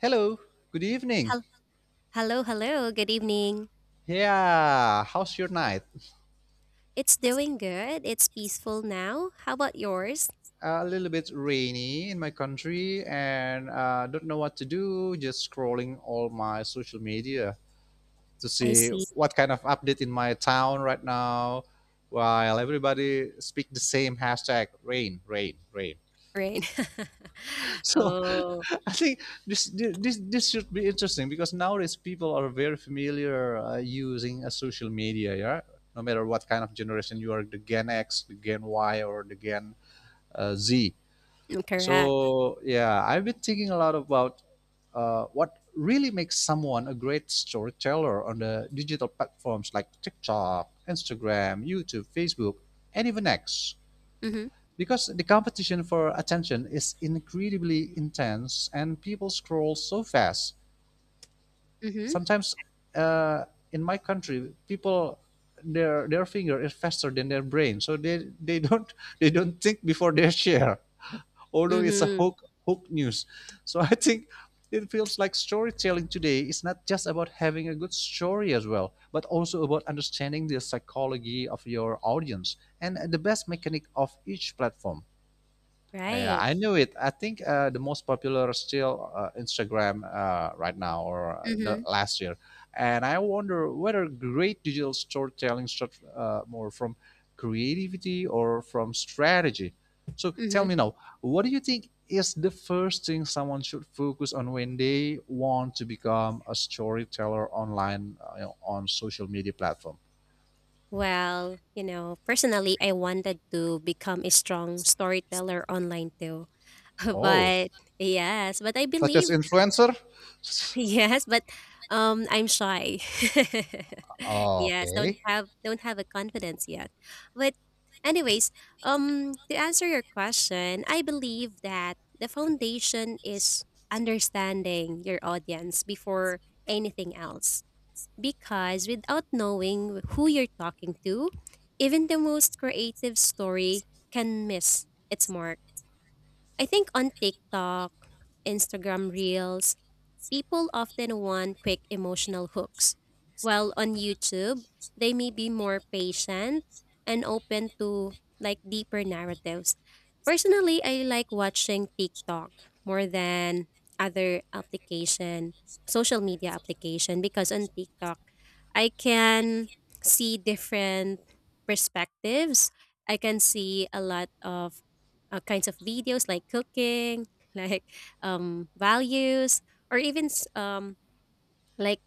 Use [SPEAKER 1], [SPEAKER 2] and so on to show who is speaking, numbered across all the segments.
[SPEAKER 1] Hello, good evening.
[SPEAKER 2] Hel- Hello, hello. Good evening.
[SPEAKER 1] Yeah, how's your night?
[SPEAKER 2] It's doing good. It's peaceful now. How about yours?
[SPEAKER 1] A little bit rainy in my country and don't know what to do, just scrolling all my social media to
[SPEAKER 2] I
[SPEAKER 1] see
[SPEAKER 2] see.
[SPEAKER 1] what kind of update in my town right now while everybody speak the same hashtag rain, rain, rain.
[SPEAKER 2] Right.
[SPEAKER 1] So
[SPEAKER 2] oh,
[SPEAKER 1] I think this should be interesting because nowadays people are very familiar using a social media. Yeah, no matter what kind of generation you are, the Gen X, the Gen Y, or the Gen Z.
[SPEAKER 2] correct. Correct.
[SPEAKER 1] So yeah, I've been thinking a lot about what really makes someone a great storyteller on the digital platforms like TikTok, Instagram, YouTube, Facebook, and even X.
[SPEAKER 2] Mhm.
[SPEAKER 1] Because the competition for attention is incredibly intense and people scroll so fast.
[SPEAKER 2] Mhm.
[SPEAKER 1] Sometimes, uh, in my country people their finger is faster than their brain, so they don't they don't think before they share, although it's a
[SPEAKER 2] Mhm.
[SPEAKER 1] hook news. So I think it feels like storytelling today is not just about having a good story as well, but also about understanding the psychology of your audience and the best mechanic of each platform. Yeah,
[SPEAKER 2] Right.
[SPEAKER 1] I knew it. I think the most popular still Instagram right now, or the
[SPEAKER 2] Mhm.
[SPEAKER 1] last year, and I wonder whether great digital storytelling starts more from creativity or from strategy. So tell
[SPEAKER 2] Mhm.
[SPEAKER 1] me now, what do you think is the first thing someone should focus on when they want to become a storyteller online, on social media platform?
[SPEAKER 2] Well, you know, personally, I wanted to become a strong storyteller online too.
[SPEAKER 1] Oh,
[SPEAKER 2] But yes, but I
[SPEAKER 1] such as
[SPEAKER 2] believe
[SPEAKER 1] influencer.
[SPEAKER 2] yes, but I'm shy. Yes, don't
[SPEAKER 1] Okay.
[SPEAKER 2] have don't have a confidence yet. But anyways, to answer your question, I believe that the foundation is understanding your audience before anything else, because without knowing who you're talking to, even the most creative story can miss its mark. I think on TikTok, Instagram Reels, people often want quick emotional hooks, while on YouTube, they may be more patient and open to, like, deeper narratives. Personally, I like watching TikTok more than other application, social media application, because on TikTok, I can see different perspectives. I can see a lot of kinds of videos like cooking, like values, or even like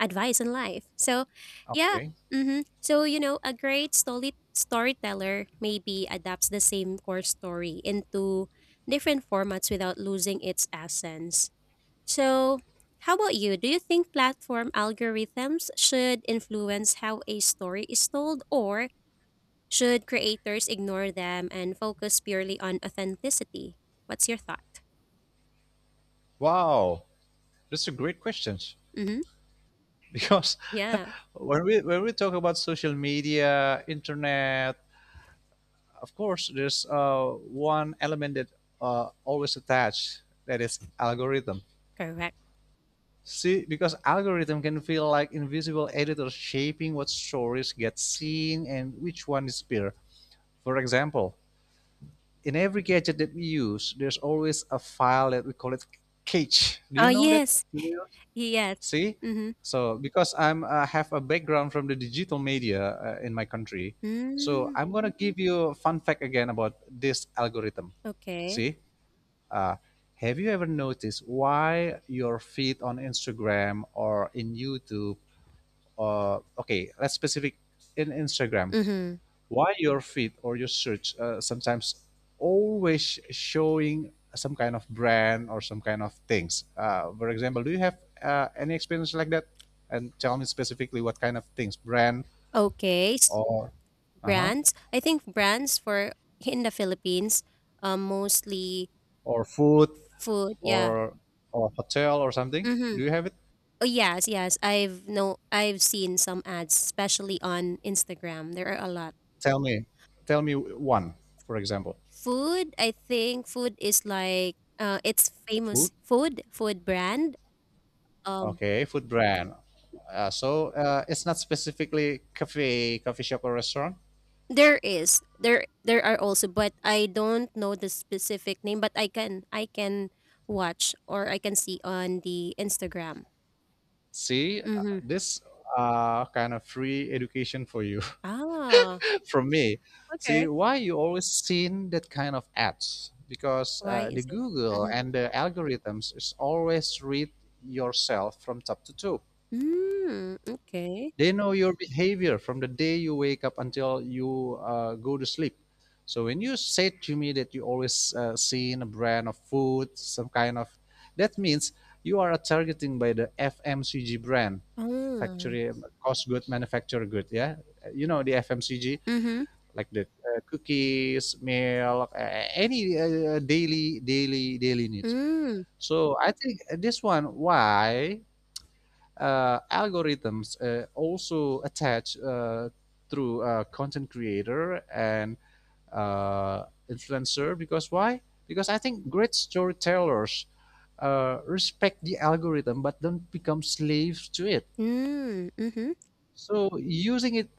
[SPEAKER 2] advice in life. So yeah,
[SPEAKER 1] Okay.
[SPEAKER 2] mm-hmm. So you know, a great storyteller maybe adapts the same core story into different formats without losing its essence. So how about you? Do you think platform algorithms should influence how a story is told, or should creators ignore them and focus purely on authenticity? What's your thought?
[SPEAKER 1] Wow. That's a great question.
[SPEAKER 2] Mm-hmm.
[SPEAKER 1] Because
[SPEAKER 2] Yeah,
[SPEAKER 1] when we talk about social media, internet, of course, there's one element that always attached, that is algorithm.
[SPEAKER 2] correct.
[SPEAKER 1] See, because algorithm can feel like invisible editors shaping what stories get seen and which one is peer. For example, in every gadget that we use, there's always a file that we call it cache. Do you
[SPEAKER 2] Oh,
[SPEAKER 1] know that?
[SPEAKER 2] yes.
[SPEAKER 1] Yes.
[SPEAKER 2] Yes.
[SPEAKER 1] See,
[SPEAKER 2] Mhm.
[SPEAKER 1] so because I'm have a background from the digital media in my country, so
[SPEAKER 2] Mm,
[SPEAKER 1] I'm gonna give you a fun fact again about this algorithm.
[SPEAKER 2] okay.
[SPEAKER 1] See, uh, have you ever noticed why your feed on Instagram or in YouTube? Or okay, let's specific in Instagram,
[SPEAKER 2] Mhm.
[SPEAKER 1] why your feed or your search, sometimes always showing some kind of brand or some kind of things, for example, do you have any experience like that, and tell me specifically what kind of things, brand,
[SPEAKER 2] Okay. s-
[SPEAKER 1] or uh-huh,
[SPEAKER 2] Brands. I think brands for in the Philippines, mostly
[SPEAKER 1] or food,
[SPEAKER 2] food. Yeah.
[SPEAKER 1] or hotel or something?
[SPEAKER 2] Mhm.
[SPEAKER 1] Do you have it?
[SPEAKER 2] Oh yes, yes. I've no. I've seen some ads, especially on Instagram. There are a lot.
[SPEAKER 1] Tell me, one, for example.
[SPEAKER 2] Food. I think food is like. It's
[SPEAKER 1] Food.
[SPEAKER 2] famous food brand. Um.
[SPEAKER 1] Okay, food brand. So it's not specifically cafe, coffee shop, or restaurant?
[SPEAKER 2] There is. There are also, but I don't know the specific name, but I can watch, or I can see on the Instagram.
[SPEAKER 1] See,
[SPEAKER 2] Mhm.
[SPEAKER 1] this kind of free education for you
[SPEAKER 2] Ah,
[SPEAKER 1] from me. See,
[SPEAKER 2] okay.
[SPEAKER 1] why you always seen that kind of ads? Because
[SPEAKER 2] Why
[SPEAKER 1] the
[SPEAKER 2] is it?
[SPEAKER 1] Google
[SPEAKER 2] Mhm.
[SPEAKER 1] and the algorithms is always read yourself from top to toe.
[SPEAKER 2] Mm, okay.
[SPEAKER 1] They know your behavior from the day you wake up until you go to sleep. So when you say to me that you always seen a brand of food, some kind of, that means you are targeting by the fmcg brand
[SPEAKER 2] Oh.
[SPEAKER 1] factory, cost good, manufacture good. Yeah, you know the fmcg,
[SPEAKER 2] Mhm.
[SPEAKER 1] like the cookies, milk, any daily needs.
[SPEAKER 2] Mm.
[SPEAKER 1] So I think this one, why algorithms also attach through content creator and influencer, because why? Because I think great storytellers respect the algorithm but don't become slaves to it.
[SPEAKER 2] Mm. Mhm.
[SPEAKER 1] So using it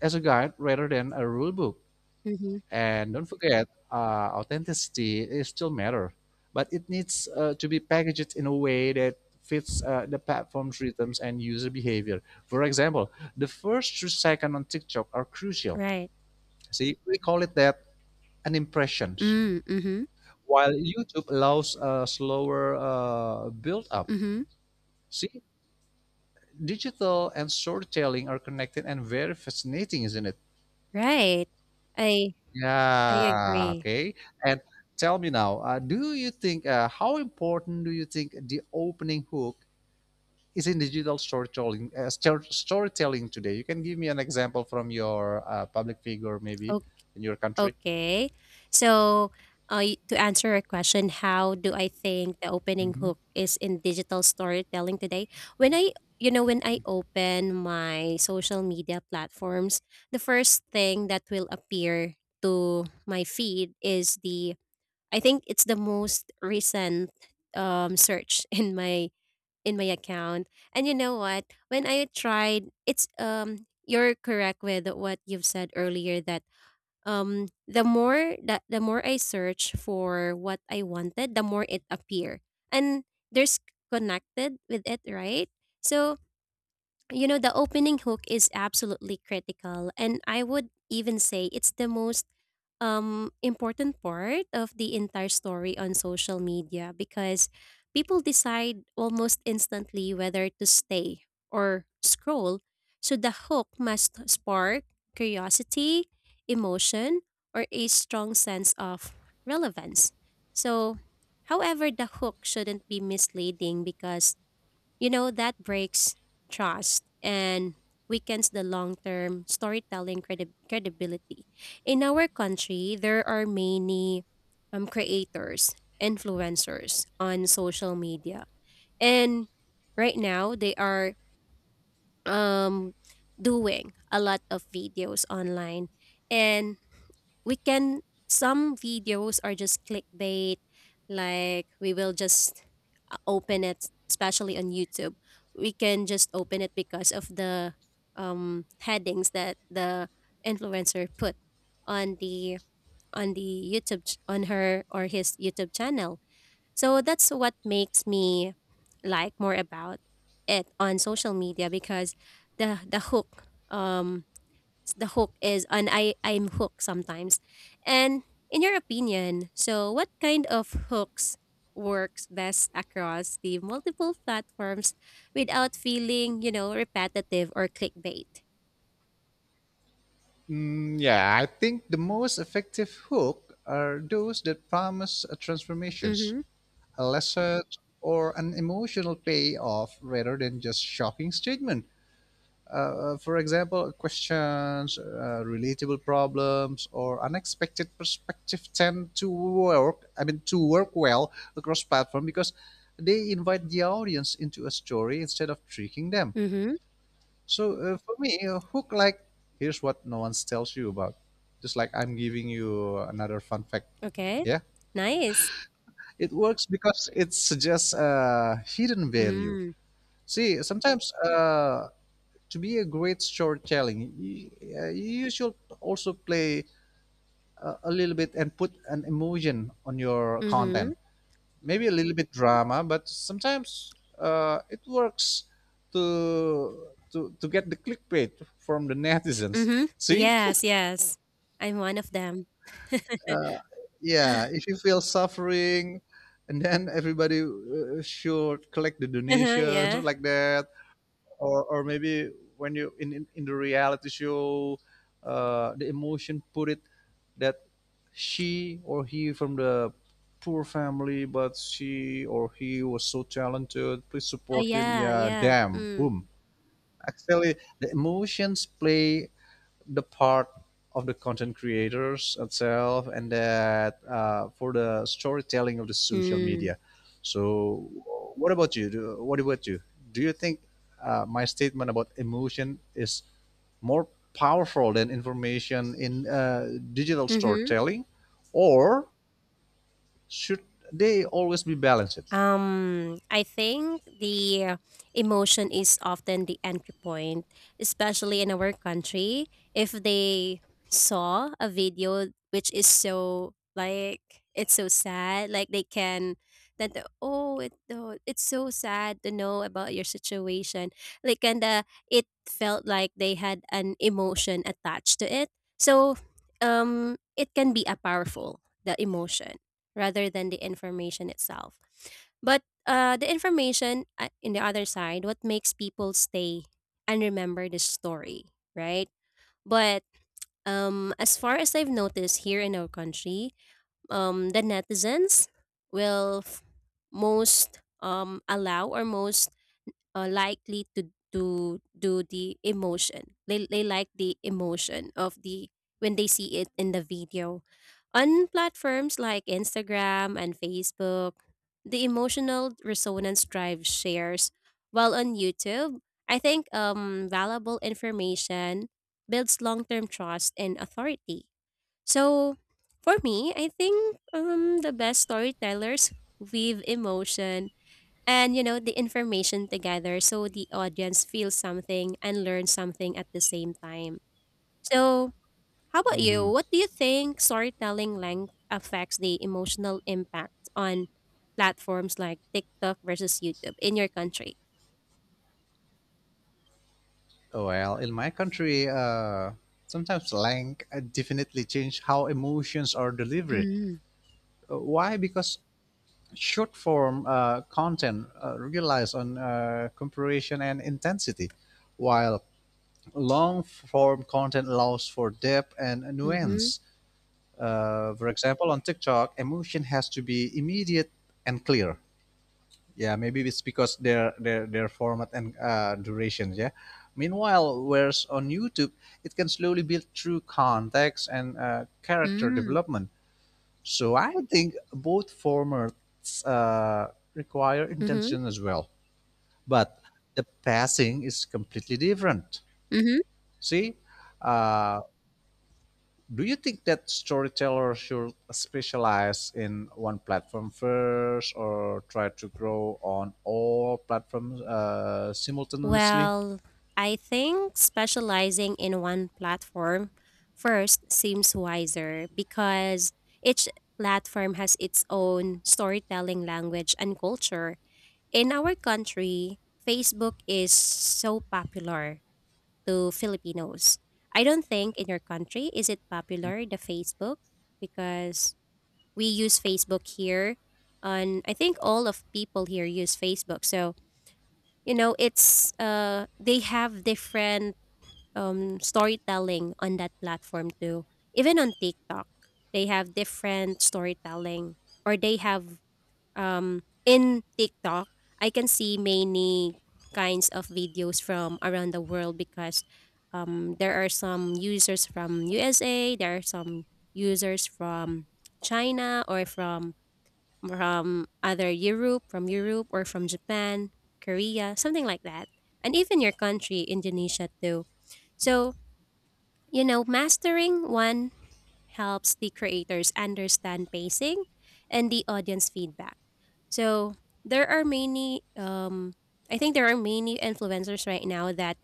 [SPEAKER 1] as a guide rather than a rule book.
[SPEAKER 2] Mhm.
[SPEAKER 1] And don't forget, authenticity is still matter, but it needs to be packaged in a way that fits the platform's rhythms and user behavior. For example, the first 3 seconds on TikTok are crucial.
[SPEAKER 2] Right.
[SPEAKER 1] See, we call it that an impression,
[SPEAKER 2] Mm. Mhm.
[SPEAKER 1] while YouTube allows a slower build up.
[SPEAKER 2] Mhm.
[SPEAKER 1] See, digital and storytelling are connected and very fascinating, isn't it?
[SPEAKER 2] Right. I I
[SPEAKER 1] Yeah,
[SPEAKER 2] agree.
[SPEAKER 1] okay. And tell me now, do you think, how important do you think the opening hook is in digital storytelling, storytelling today? You can give me an example from your public figure, maybe in your country.
[SPEAKER 2] Okay. So, to answer your question, how do I think the opening
[SPEAKER 1] Mhm.
[SPEAKER 2] hook is in digital storytelling today? When I, you know, when I open my social media platforms, the first thing that will appear to my feed is the, I think it's the most recent search in my account. And you know what? When I tried, it's you're correct with what you've said earlier, that the more I search for what I wanted, the more it appear. And there's connected with it, right? So, you know, the opening hook is absolutely critical, and I would even say it's the most important part of the entire story on social media, because people decide almost instantly whether to stay or scroll. So the hook must spark curiosity, emotion, or a strong sense of relevance. So however, the hook shouldn't be misleading, because you know, that breaks trust and weakens the long term storytelling credibility. In our country, there are many creators, influencers on social media. And right now, they are um, doing a lot of videos online. And we can, some videos are just clickbait. Like, we will just open it, especially on YouTube. We can just open it because of the headings that the influencer put on the YouTube on her or his YouTube channel. So that's what makes me like more about it on social media, because the hook, the hook is, and I'm hooked sometimes. And in your opinion, so what kind of hooks works best across the multiple platforms without feeling, you know, repetitive or clickbait?
[SPEAKER 1] Mm, yeah, I think the most effective hook are those that promise transformations,
[SPEAKER 2] Mhm.
[SPEAKER 1] a lesson, or an emotional payoff rather than just shocking statement. For example, questions, relatable problems, or unexpected perspective tend to work. I mean, to work well across platform because they invite the audience into a story instead of tricking them.
[SPEAKER 2] Mhm.
[SPEAKER 1] So for me, a hook like, here's what no one tells you about. Just like I'm giving you another fun fact.
[SPEAKER 2] Okay.
[SPEAKER 1] Yeah,
[SPEAKER 2] Nice.
[SPEAKER 1] it works because it suggests a hidden value.
[SPEAKER 2] Mm.
[SPEAKER 1] See, sometimes, to be a great storytelling, you should also play a little bit and put an emotion on your content.
[SPEAKER 2] Mhm.
[SPEAKER 1] Maybe a little bit drama, but sometimes it works to get the clickbait from the netizens.
[SPEAKER 2] Mhm.
[SPEAKER 1] See,
[SPEAKER 2] Yes, yes. I'm one of them.
[SPEAKER 1] yeah, if you feel suffering and then everybody should collect the donations or
[SPEAKER 2] Yeah.
[SPEAKER 1] like that, or maybe when you in the reality show, the emotion put it that she or he from the poor family, but she or he was so talented, please
[SPEAKER 2] Oh
[SPEAKER 1] support him,
[SPEAKER 2] yeah,
[SPEAKER 1] yeah,
[SPEAKER 2] yeah.
[SPEAKER 1] damn,
[SPEAKER 2] Mm.
[SPEAKER 1] boom. Actually, the emotions play the part of the content creators itself, and that for the storytelling of the social
[SPEAKER 2] Mm.
[SPEAKER 1] media. So what about you, do you think, my statement about emotion is more powerful than information in digital
[SPEAKER 2] Mhm.
[SPEAKER 1] storytelling, or should they always be balanced?
[SPEAKER 2] I think the emotion is often the entry point, especially in our country. If they saw a video which is so, like, it's so sad, like they can, oh it, oh, it's so sad to know about your situation. Like, kinda it felt like they had an emotion attached to it. So it can be a powerful, the emotion, rather than the information itself. But the information, in the other side, what makes people stay and remember the story, right? But as far as I've noticed here in our country, the netizens will f- most, allow, or most likely to do the emotion. They like the emotion of the when they see it in the video. On platforms like Instagram and Facebook, the emotional resonance drive shares. While on YouTube, I think valuable information builds long-term trust and authority. So for me, I think the best storytellers weave emotion and you know the information together, so the audience feels something and learns something at the same time. So how about you, what do you think, storytelling length affects the emotional impact on platforms like TikTok versus YouTube in your country?
[SPEAKER 1] Well, in my country, sometimes slang definitely change how emotions are delivered.
[SPEAKER 2] Mm-hmm.
[SPEAKER 1] Why? Because short form content relies on comparison and intensity, while long form content allows for depth and
[SPEAKER 2] Mm-hmm.
[SPEAKER 1] nuance. For example, on TikTok, emotion has to be immediate and clear, yeah, maybe it's because their format and duration. Yeah. Meanwhile, whereas on YouTube, it can slowly build through context and character
[SPEAKER 2] Mm-hmm.
[SPEAKER 1] development. So I think both formats require intention as well, but the passing is completely different.
[SPEAKER 2] Mm-hmm.
[SPEAKER 1] See, uh, do you think that storytellers should specialize in one platform first, or try to grow on all platforms simultaneously?
[SPEAKER 2] Well, I think specializing in one platform first seems wiser, because each platform has its own storytelling language and culture. In our country, Facebook is so popular to Filipinos. I don't think in your country is it popular, the Facebook, because we use Facebook here. On, I think all of people here use Facebook. So you know, it's uh, they have different storytelling on that platform too. Even on TikTok they have different storytelling, or they have um, in TikTok I can see many kinds of videos from around the world, because um, there are some users from USA, there are some users from China, or from either Europe, from Europe, or from Japan, Korea, something like that. And even your country, Indonesia, too. So, you know, mastering one helps the creators understand pacing and the audience feedback. So there are many, I think there are many influencers right now that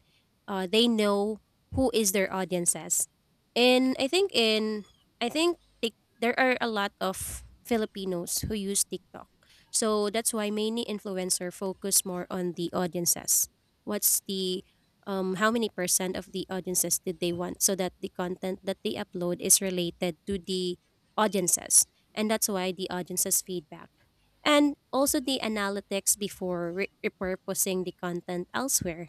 [SPEAKER 2] they know who is their audiences. And I think in, I think Tik there are a lot of Filipinos who use TikTok. So that's why many influencer focus more on the audiences. What's the how many percent of the audiences did they want, so that the content that they upload is related to the audiences, and that's why the audiences feedback, and also the analytics before repurposing the content elsewhere.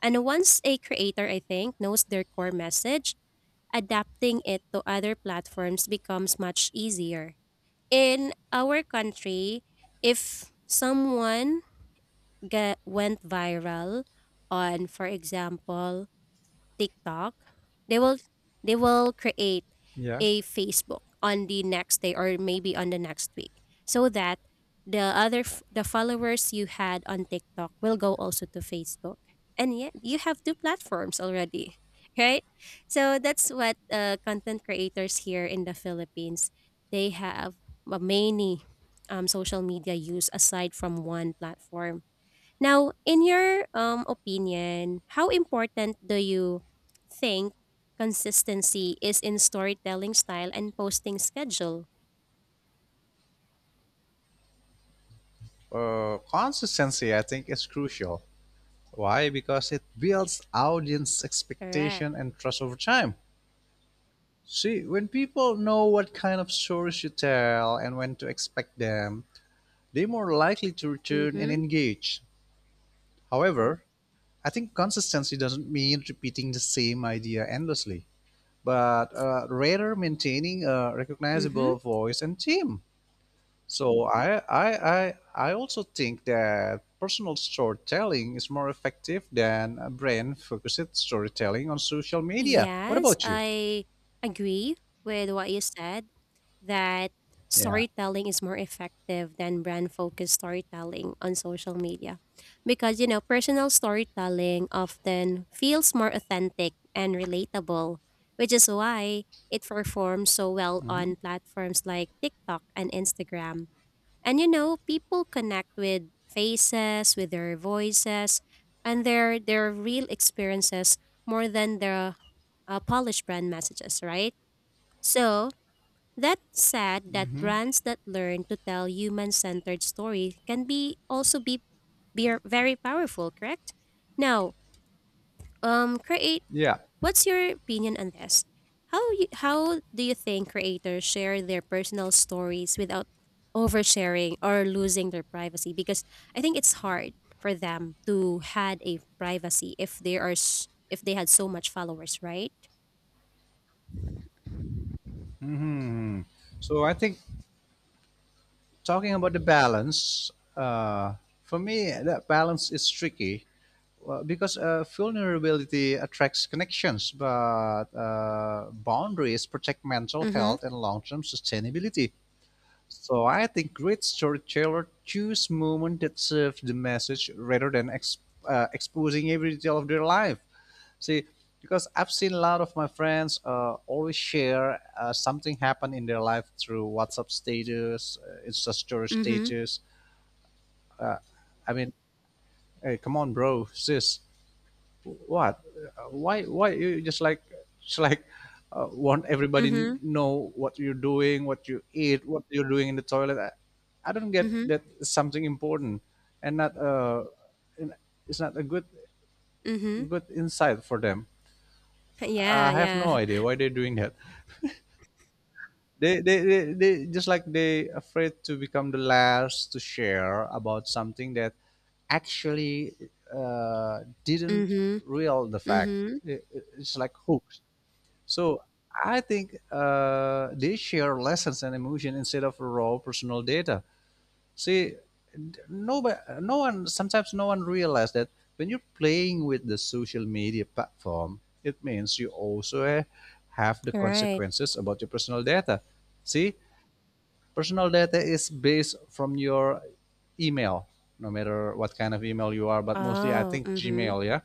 [SPEAKER 2] And once a creator, I think, knows their core message, adapting it to other platforms becomes much easier. In our country, if someone get, went viral on, for example, TikTok, they will, they will create
[SPEAKER 1] Yeah.
[SPEAKER 2] a Facebook on the next day, or maybe on the next week, so that the the followers you had on TikTok will go also to Facebook. And yet you have two platforms already, right? So that's what content creators here in the Philippines, they have many social media use aside from one platform. Now, in your opinion, how important do you think consistency is in storytelling style and posting schedule?
[SPEAKER 1] Consistency, I think, is crucial. Why? Because it builds audience
[SPEAKER 2] Correct.
[SPEAKER 1] expectation and trust over time. See, when people know what kind of stories you tell and when to expect them, they're more likely to return and
[SPEAKER 2] Mm-hmm.
[SPEAKER 1] engage. However, I think consistency doesn't mean repeating the same idea endlessly, but rather maintaining a
[SPEAKER 2] Mm-hmm.
[SPEAKER 1] recognizable voice and theme. So I also think that personal storytelling is more effective than brand focused storytelling on social media. What
[SPEAKER 2] Yes,
[SPEAKER 1] about you?
[SPEAKER 2] I agree with what you said, that
[SPEAKER 1] Yeah.
[SPEAKER 2] storytelling is more effective than brand focused storytelling on social media, because you know, personal storytelling often feels more authentic and relatable, which is why it performs so well
[SPEAKER 1] Hmm.
[SPEAKER 2] on platforms like TikTok and Instagram. And you know, people connect with faces, with their voices, and their real experiences more than their polished brand messages, right? So that said, that brands that learn to tell human-centered story can be also be very powerful, correct? Now, create
[SPEAKER 1] Yeah.
[SPEAKER 2] what's your opinion on this? How you, how do you think creators share their personal stories without oversharing or losing their privacy? Because I think it's hard for them to had a privacy if they are if they had so much followers, right?
[SPEAKER 1] Hmm. So I think, talking about the balance, for me, that balance is tricky. Well, because vulnerability attracts connections, but boundaries protect mental
[SPEAKER 2] Mhm.
[SPEAKER 1] health and long-term sustainability. So I think great storyteller choose moments that serve the message rather than exposing every detail of their life. See, because I've seen a lot of my friends always share something happened in their life through WhatsApp status, Insta story
[SPEAKER 2] Mhm.
[SPEAKER 1] status. I mean, hey, come on, bro, sis, what, why you just like, just like want everybody
[SPEAKER 2] Mhm.
[SPEAKER 1] know what you're doing, what you eat, what you're doing in the toilet? I don't get
[SPEAKER 2] Mhm.
[SPEAKER 1] that it's something important, and not and it's not a good
[SPEAKER 2] Mhm.
[SPEAKER 1] good insight for them. I
[SPEAKER 2] Yeah,
[SPEAKER 1] have
[SPEAKER 2] yeah.
[SPEAKER 1] no idea why they're doing that. They just like they afraid to become the last to share about something that actually didn't
[SPEAKER 2] Mhm.
[SPEAKER 1] real the fact.
[SPEAKER 2] Mhm.
[SPEAKER 1] It's like hooks. So I think they share lessons and emotion instead of raw personal data. See, nobody, no one, sometimes no one realizes that when you're playing with the social media platform, it means you also have the
[SPEAKER 2] Right.
[SPEAKER 1] consequences about your personal data. See, personal data is based from your email, no matter what kind of email you are, but mostly I
[SPEAKER 2] Oh,
[SPEAKER 1] think
[SPEAKER 2] mhm.
[SPEAKER 1] Gmail, yeah.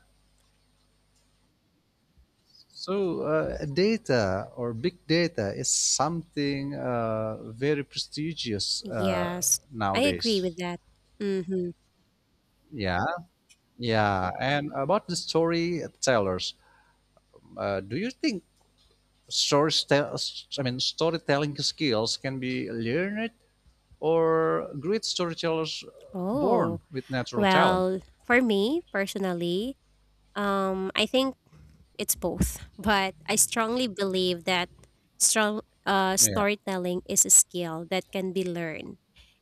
[SPEAKER 1] So, data or big data is something very prestigious
[SPEAKER 2] Yes. I agree
[SPEAKER 1] nowadays.
[SPEAKER 2] with that. Mhm.
[SPEAKER 1] Yeah, yeah. And about the storytellers, do you think stories, I mean, storytelling skills can be learned, or great storytellers born
[SPEAKER 2] Oh.
[SPEAKER 1] with natural talent?
[SPEAKER 2] Well, for me personally, I think it's both, but I strongly believe that strong
[SPEAKER 1] Yeah.
[SPEAKER 2] storytelling is a skill that can be learned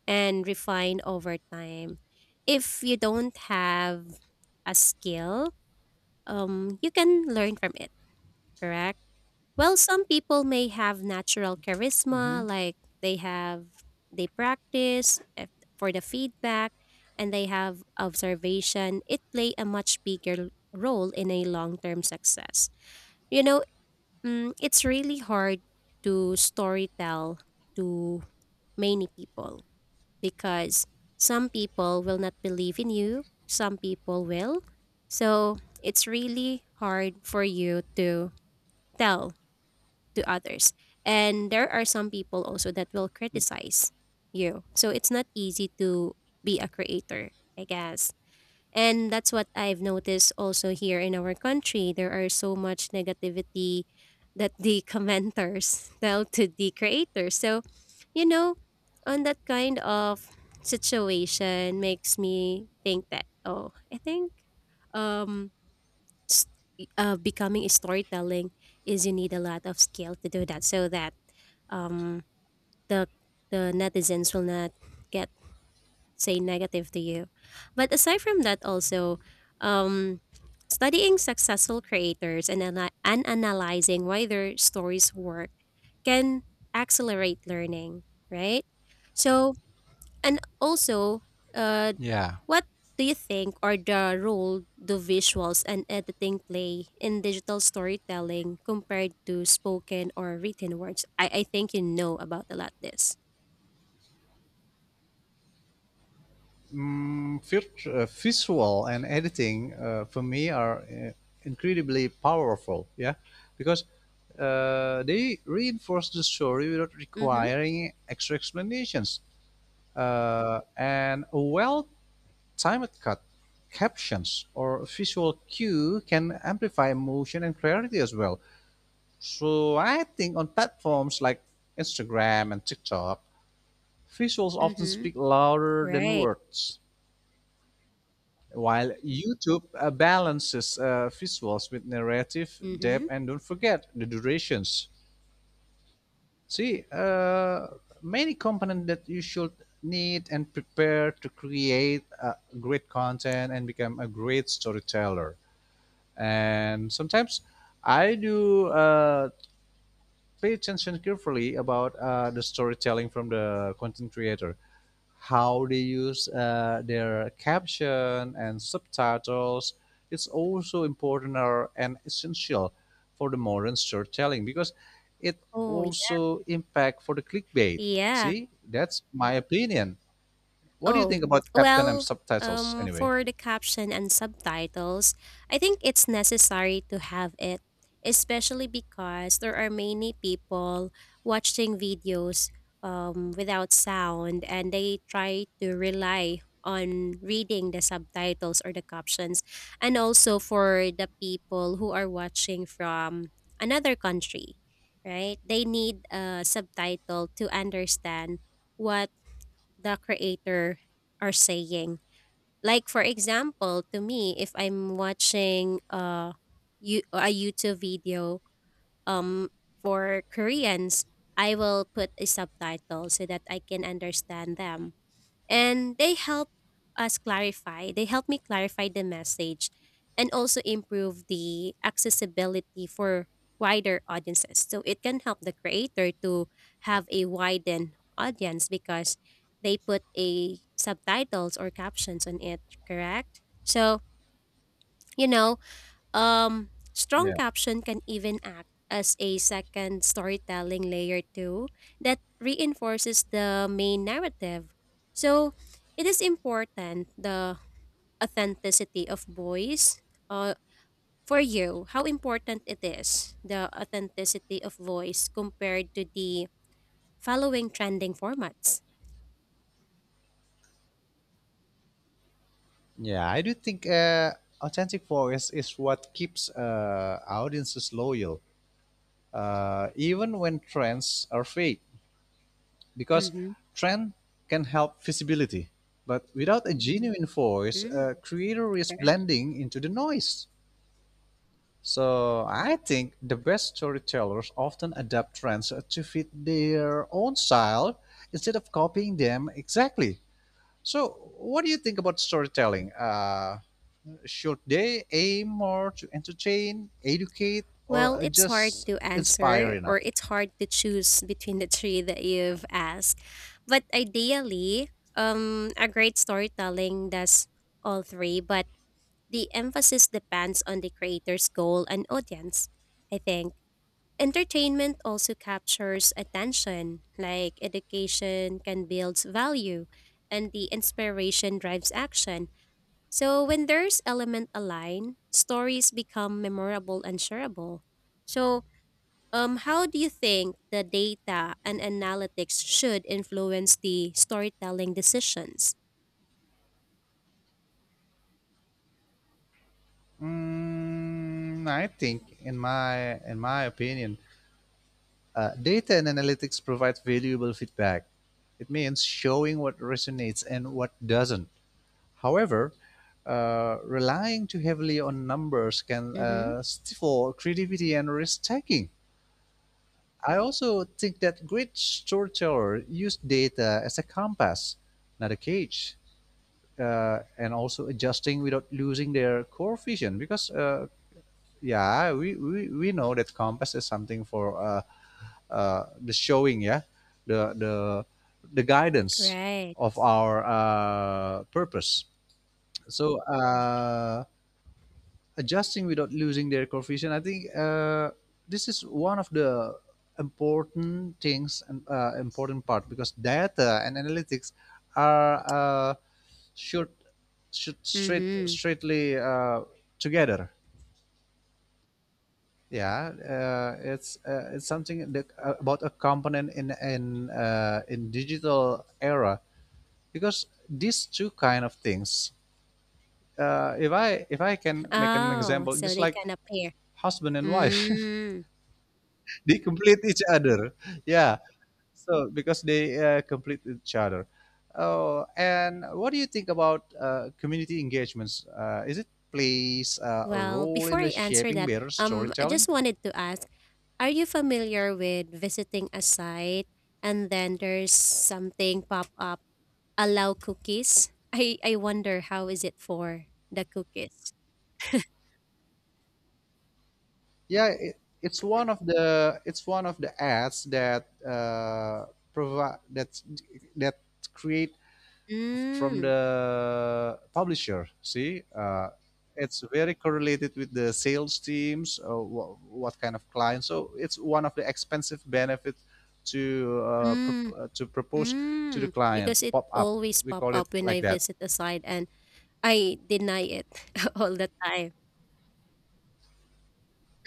[SPEAKER 2] and refined over time. If you don't have a skill, you can learn from it, correct? Well, some people may have natural
[SPEAKER 1] Hmm.
[SPEAKER 2] charisma, like they have, they practice eh, for the feedback and they have observation. It play a much bigger role in a long-term success. You know, mm, it's really hard to storytell to many people, because some people will not believe in you, some people will. So it's really hard for you to tell to others. And there are some people also that will criticize you. So it's not easy to be a creator, I guess. And that's what I've noticed also here in our country. There are so much negativity that the commenters tell to the creators. You know, on that kind of situation makes me think that, oh, I think um s- becoming a storytelling is you need a lot of skill to do that so that um, the the netizens will not get say negative to you but aside from that also um, studying successful creators and analyzing why their stories work can accelerate learning, right. So and also uh,
[SPEAKER 1] Yeah.
[SPEAKER 2] what do you think are the role do visuals and editing play in digital storytelling compared to spoken or written words? I think you know about a lot this.
[SPEAKER 1] mm, Visual and editing, for me, are incredibly powerful, yeah, because they reinforce the story without
[SPEAKER 2] Mm-hmm.
[SPEAKER 1] requiring extra explanations, and a well-timed cut, captions, or visual cue can amplify emotion and clarity as well. So I think on platforms like Instagram and TikTok, visuals often
[SPEAKER 2] Mm-hmm.
[SPEAKER 1] speak louder than
[SPEAKER 2] Right.
[SPEAKER 1] words. While YouTube balances visuals with narrative depth,
[SPEAKER 2] Mm-hmm.
[SPEAKER 1] and don't forget the durations. See, many components that you should need and prepare to create great content and become a great storyteller. And sometimes I do pay attention carefully about the storytelling from the content creator, how they use their caption and subtitles. It's also important and essential for the modern storytelling because it
[SPEAKER 2] Oh,
[SPEAKER 1] also impact for the clickbait.
[SPEAKER 2] yeah.
[SPEAKER 1] See, that's my opinion. What do you
[SPEAKER 2] Oh,
[SPEAKER 1] think about caption and
[SPEAKER 2] well,
[SPEAKER 1] subtitles anyway?
[SPEAKER 2] for the caption and subtitles, I think it's necessary to have it, especially because there are many people watching videos without sound and they try to rely on reading the subtitles or the captions, and also for the people who are watching from another country, right? They need a subtitle to understand what the creator are saying. Like for example, to me, if I'm watching you a YouTube video um for Koreans, I will put a subtitle so that I can understand them and they help me clarify the message and also improve the accessibility for wider audiences, so it can help the creator to have a widened audience because they put a subtitles or captions on it, correct. So, you know, strong
[SPEAKER 1] Yeah,
[SPEAKER 2] caption can even act as a second storytelling layer too that reinforces the main narrative. So, it is important the authenticity of voice. Uh, for you, how important it is the authenticity of voice compared to the following trending formats?
[SPEAKER 1] yeah, I do think authentic voice is what keeps audiences loyal, even when trends are fake, because
[SPEAKER 2] Mm-hmm.
[SPEAKER 1] trend can help visibility. But without a genuine voice, a
[SPEAKER 2] Mm,
[SPEAKER 1] creator is
[SPEAKER 2] right.
[SPEAKER 1] blending into the noise. So I think the best storytellers often adapt trends to fit their own style instead of copying them exactly. So, what do you think about storytelling? Should they aim more to entertain, educate, or
[SPEAKER 2] Well, it's hard
[SPEAKER 1] just
[SPEAKER 2] to
[SPEAKER 1] inspire
[SPEAKER 2] answer
[SPEAKER 1] enough?
[SPEAKER 2] or it's hard to choose between the three that you've asked. But ideally, a great storytelling does all three, but the emphasis depends on the creator's goal and audience, I think. Entertainment also captures attention, like education can build value and the inspiration drives action. So when there's element align, stories become memorable and shareable. So how do you think the data and analytics should influence the storytelling decisions?
[SPEAKER 1] Mm, I think, in my opinion, data and analytics provide valuable feedback. It means showing what resonates and what doesn't. However, relying too heavily on numbers can
[SPEAKER 2] Mm-hmm.
[SPEAKER 1] stifle creativity and risk taking. I also think that great storytellers use data as a compass, not a cage, and also adjusting without losing their core vision because yeah, we know that compass is something for the showing, yeah, the the guidance
[SPEAKER 2] Right.
[SPEAKER 1] of our purpose. So adjusting without losing their coefficient, I think this is one of the important things and important part because data and analytics are, uh, should, should straight
[SPEAKER 2] Mm-hmm.
[SPEAKER 1] straightly together. Yeah, it's something that, about a component in in digital era because these two kind of things. If I can make an
[SPEAKER 2] Oh,
[SPEAKER 1] example,
[SPEAKER 2] so
[SPEAKER 1] just
[SPEAKER 2] they
[SPEAKER 1] like
[SPEAKER 2] can appear.
[SPEAKER 1] husband and wife,
[SPEAKER 2] Mm.
[SPEAKER 1] they complete each other. Yeah, so because they complete each other. Oh, and what do you think about community engagements? Is it plays a
[SPEAKER 2] Well,
[SPEAKER 1] role
[SPEAKER 2] before
[SPEAKER 1] in the
[SPEAKER 2] I answer
[SPEAKER 1] shaping
[SPEAKER 2] that,
[SPEAKER 1] better
[SPEAKER 2] I
[SPEAKER 1] storytelling?
[SPEAKER 2] just wanted to ask, are you familiar with visiting a site and then there's something pop up, allow cookies? I wonder how is it for the cookies?
[SPEAKER 1] Yeah, it's one of the ads that provide that create from
[SPEAKER 2] Mm.
[SPEAKER 1] the publisher. See, it's very correlated with the sales teams, what kind of clients. So it's one of the expensive benefit to
[SPEAKER 2] Mm.
[SPEAKER 1] to propose to the
[SPEAKER 2] Mm,
[SPEAKER 1] client.
[SPEAKER 2] because it
[SPEAKER 1] Pop up,
[SPEAKER 2] always
[SPEAKER 1] we
[SPEAKER 2] pop
[SPEAKER 1] call it
[SPEAKER 2] up when
[SPEAKER 1] like
[SPEAKER 2] I
[SPEAKER 1] that.
[SPEAKER 2] visit a site and I deny it all the time.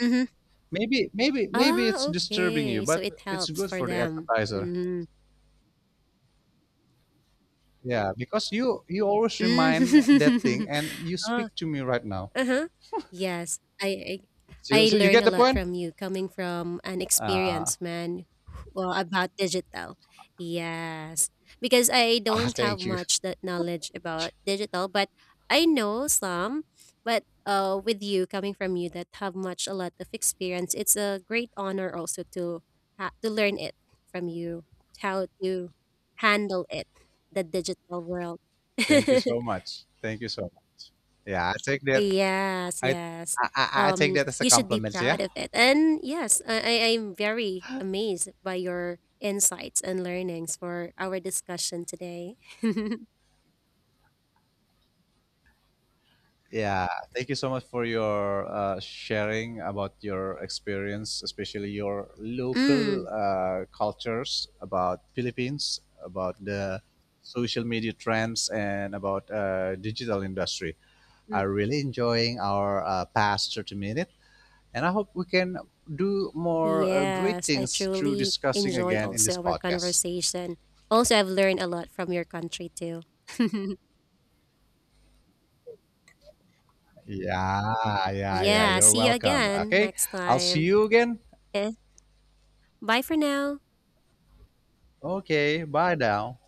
[SPEAKER 2] Mhm.
[SPEAKER 1] Maybe
[SPEAKER 2] Ah,
[SPEAKER 1] it's disturbing you,
[SPEAKER 2] okay. So
[SPEAKER 1] but
[SPEAKER 2] it
[SPEAKER 1] it's
[SPEAKER 2] helps
[SPEAKER 1] good
[SPEAKER 2] for
[SPEAKER 1] for the
[SPEAKER 2] them.
[SPEAKER 1] advertiser.
[SPEAKER 2] Mm.
[SPEAKER 1] Yeah, because you always remind that thing,
[SPEAKER 2] Mm.
[SPEAKER 1] and you
[SPEAKER 2] Oh,
[SPEAKER 1] speak to me right now.
[SPEAKER 2] uh-huh. Yes, I,
[SPEAKER 1] So,
[SPEAKER 2] I I
[SPEAKER 1] so you
[SPEAKER 2] learn
[SPEAKER 1] get
[SPEAKER 2] a
[SPEAKER 1] the
[SPEAKER 2] lot
[SPEAKER 1] point.
[SPEAKER 2] from you coming from an experienced man well about digital. Yes. Because I
[SPEAKER 1] Ah,
[SPEAKER 2] don't have much that knowledge about digital, but I know some, but with you coming from you that have much a lot of experience, it's a great honor also to to learn it from you how to handle it, the digital world.
[SPEAKER 1] thank you so much, thank you so much. Yeah, I take that.
[SPEAKER 2] Yes,
[SPEAKER 1] I
[SPEAKER 2] yes.
[SPEAKER 1] I, I I take that as a
[SPEAKER 2] You should be
[SPEAKER 1] compliment. Yeah.
[SPEAKER 2] proud of it. And yes, I'm very amazed by your insights and learnings for our discussion today. mm,
[SPEAKER 1] Yeah, thank you so much for your sharing about your experience, especially your local
[SPEAKER 2] mm.
[SPEAKER 1] cultures about Philippines, about the social media trends, and about digital industry. Are really enjoying our past 30 minutes. And I hope we can do more great
[SPEAKER 2] Yes, I
[SPEAKER 1] things through
[SPEAKER 2] truly
[SPEAKER 1] discussing
[SPEAKER 2] enjoy
[SPEAKER 1] again in this
[SPEAKER 2] also our
[SPEAKER 1] podcast.
[SPEAKER 2] conversation. Also, I've learned a lot from your country too.
[SPEAKER 1] Yeah, yeah, yeah.
[SPEAKER 2] Yeah,
[SPEAKER 1] You're
[SPEAKER 2] see you
[SPEAKER 1] welcome.
[SPEAKER 2] again
[SPEAKER 1] Okay.
[SPEAKER 2] next
[SPEAKER 1] I'll see
[SPEAKER 2] time.
[SPEAKER 1] you again.
[SPEAKER 2] Eh, bye for now.
[SPEAKER 1] Okay. Bye now.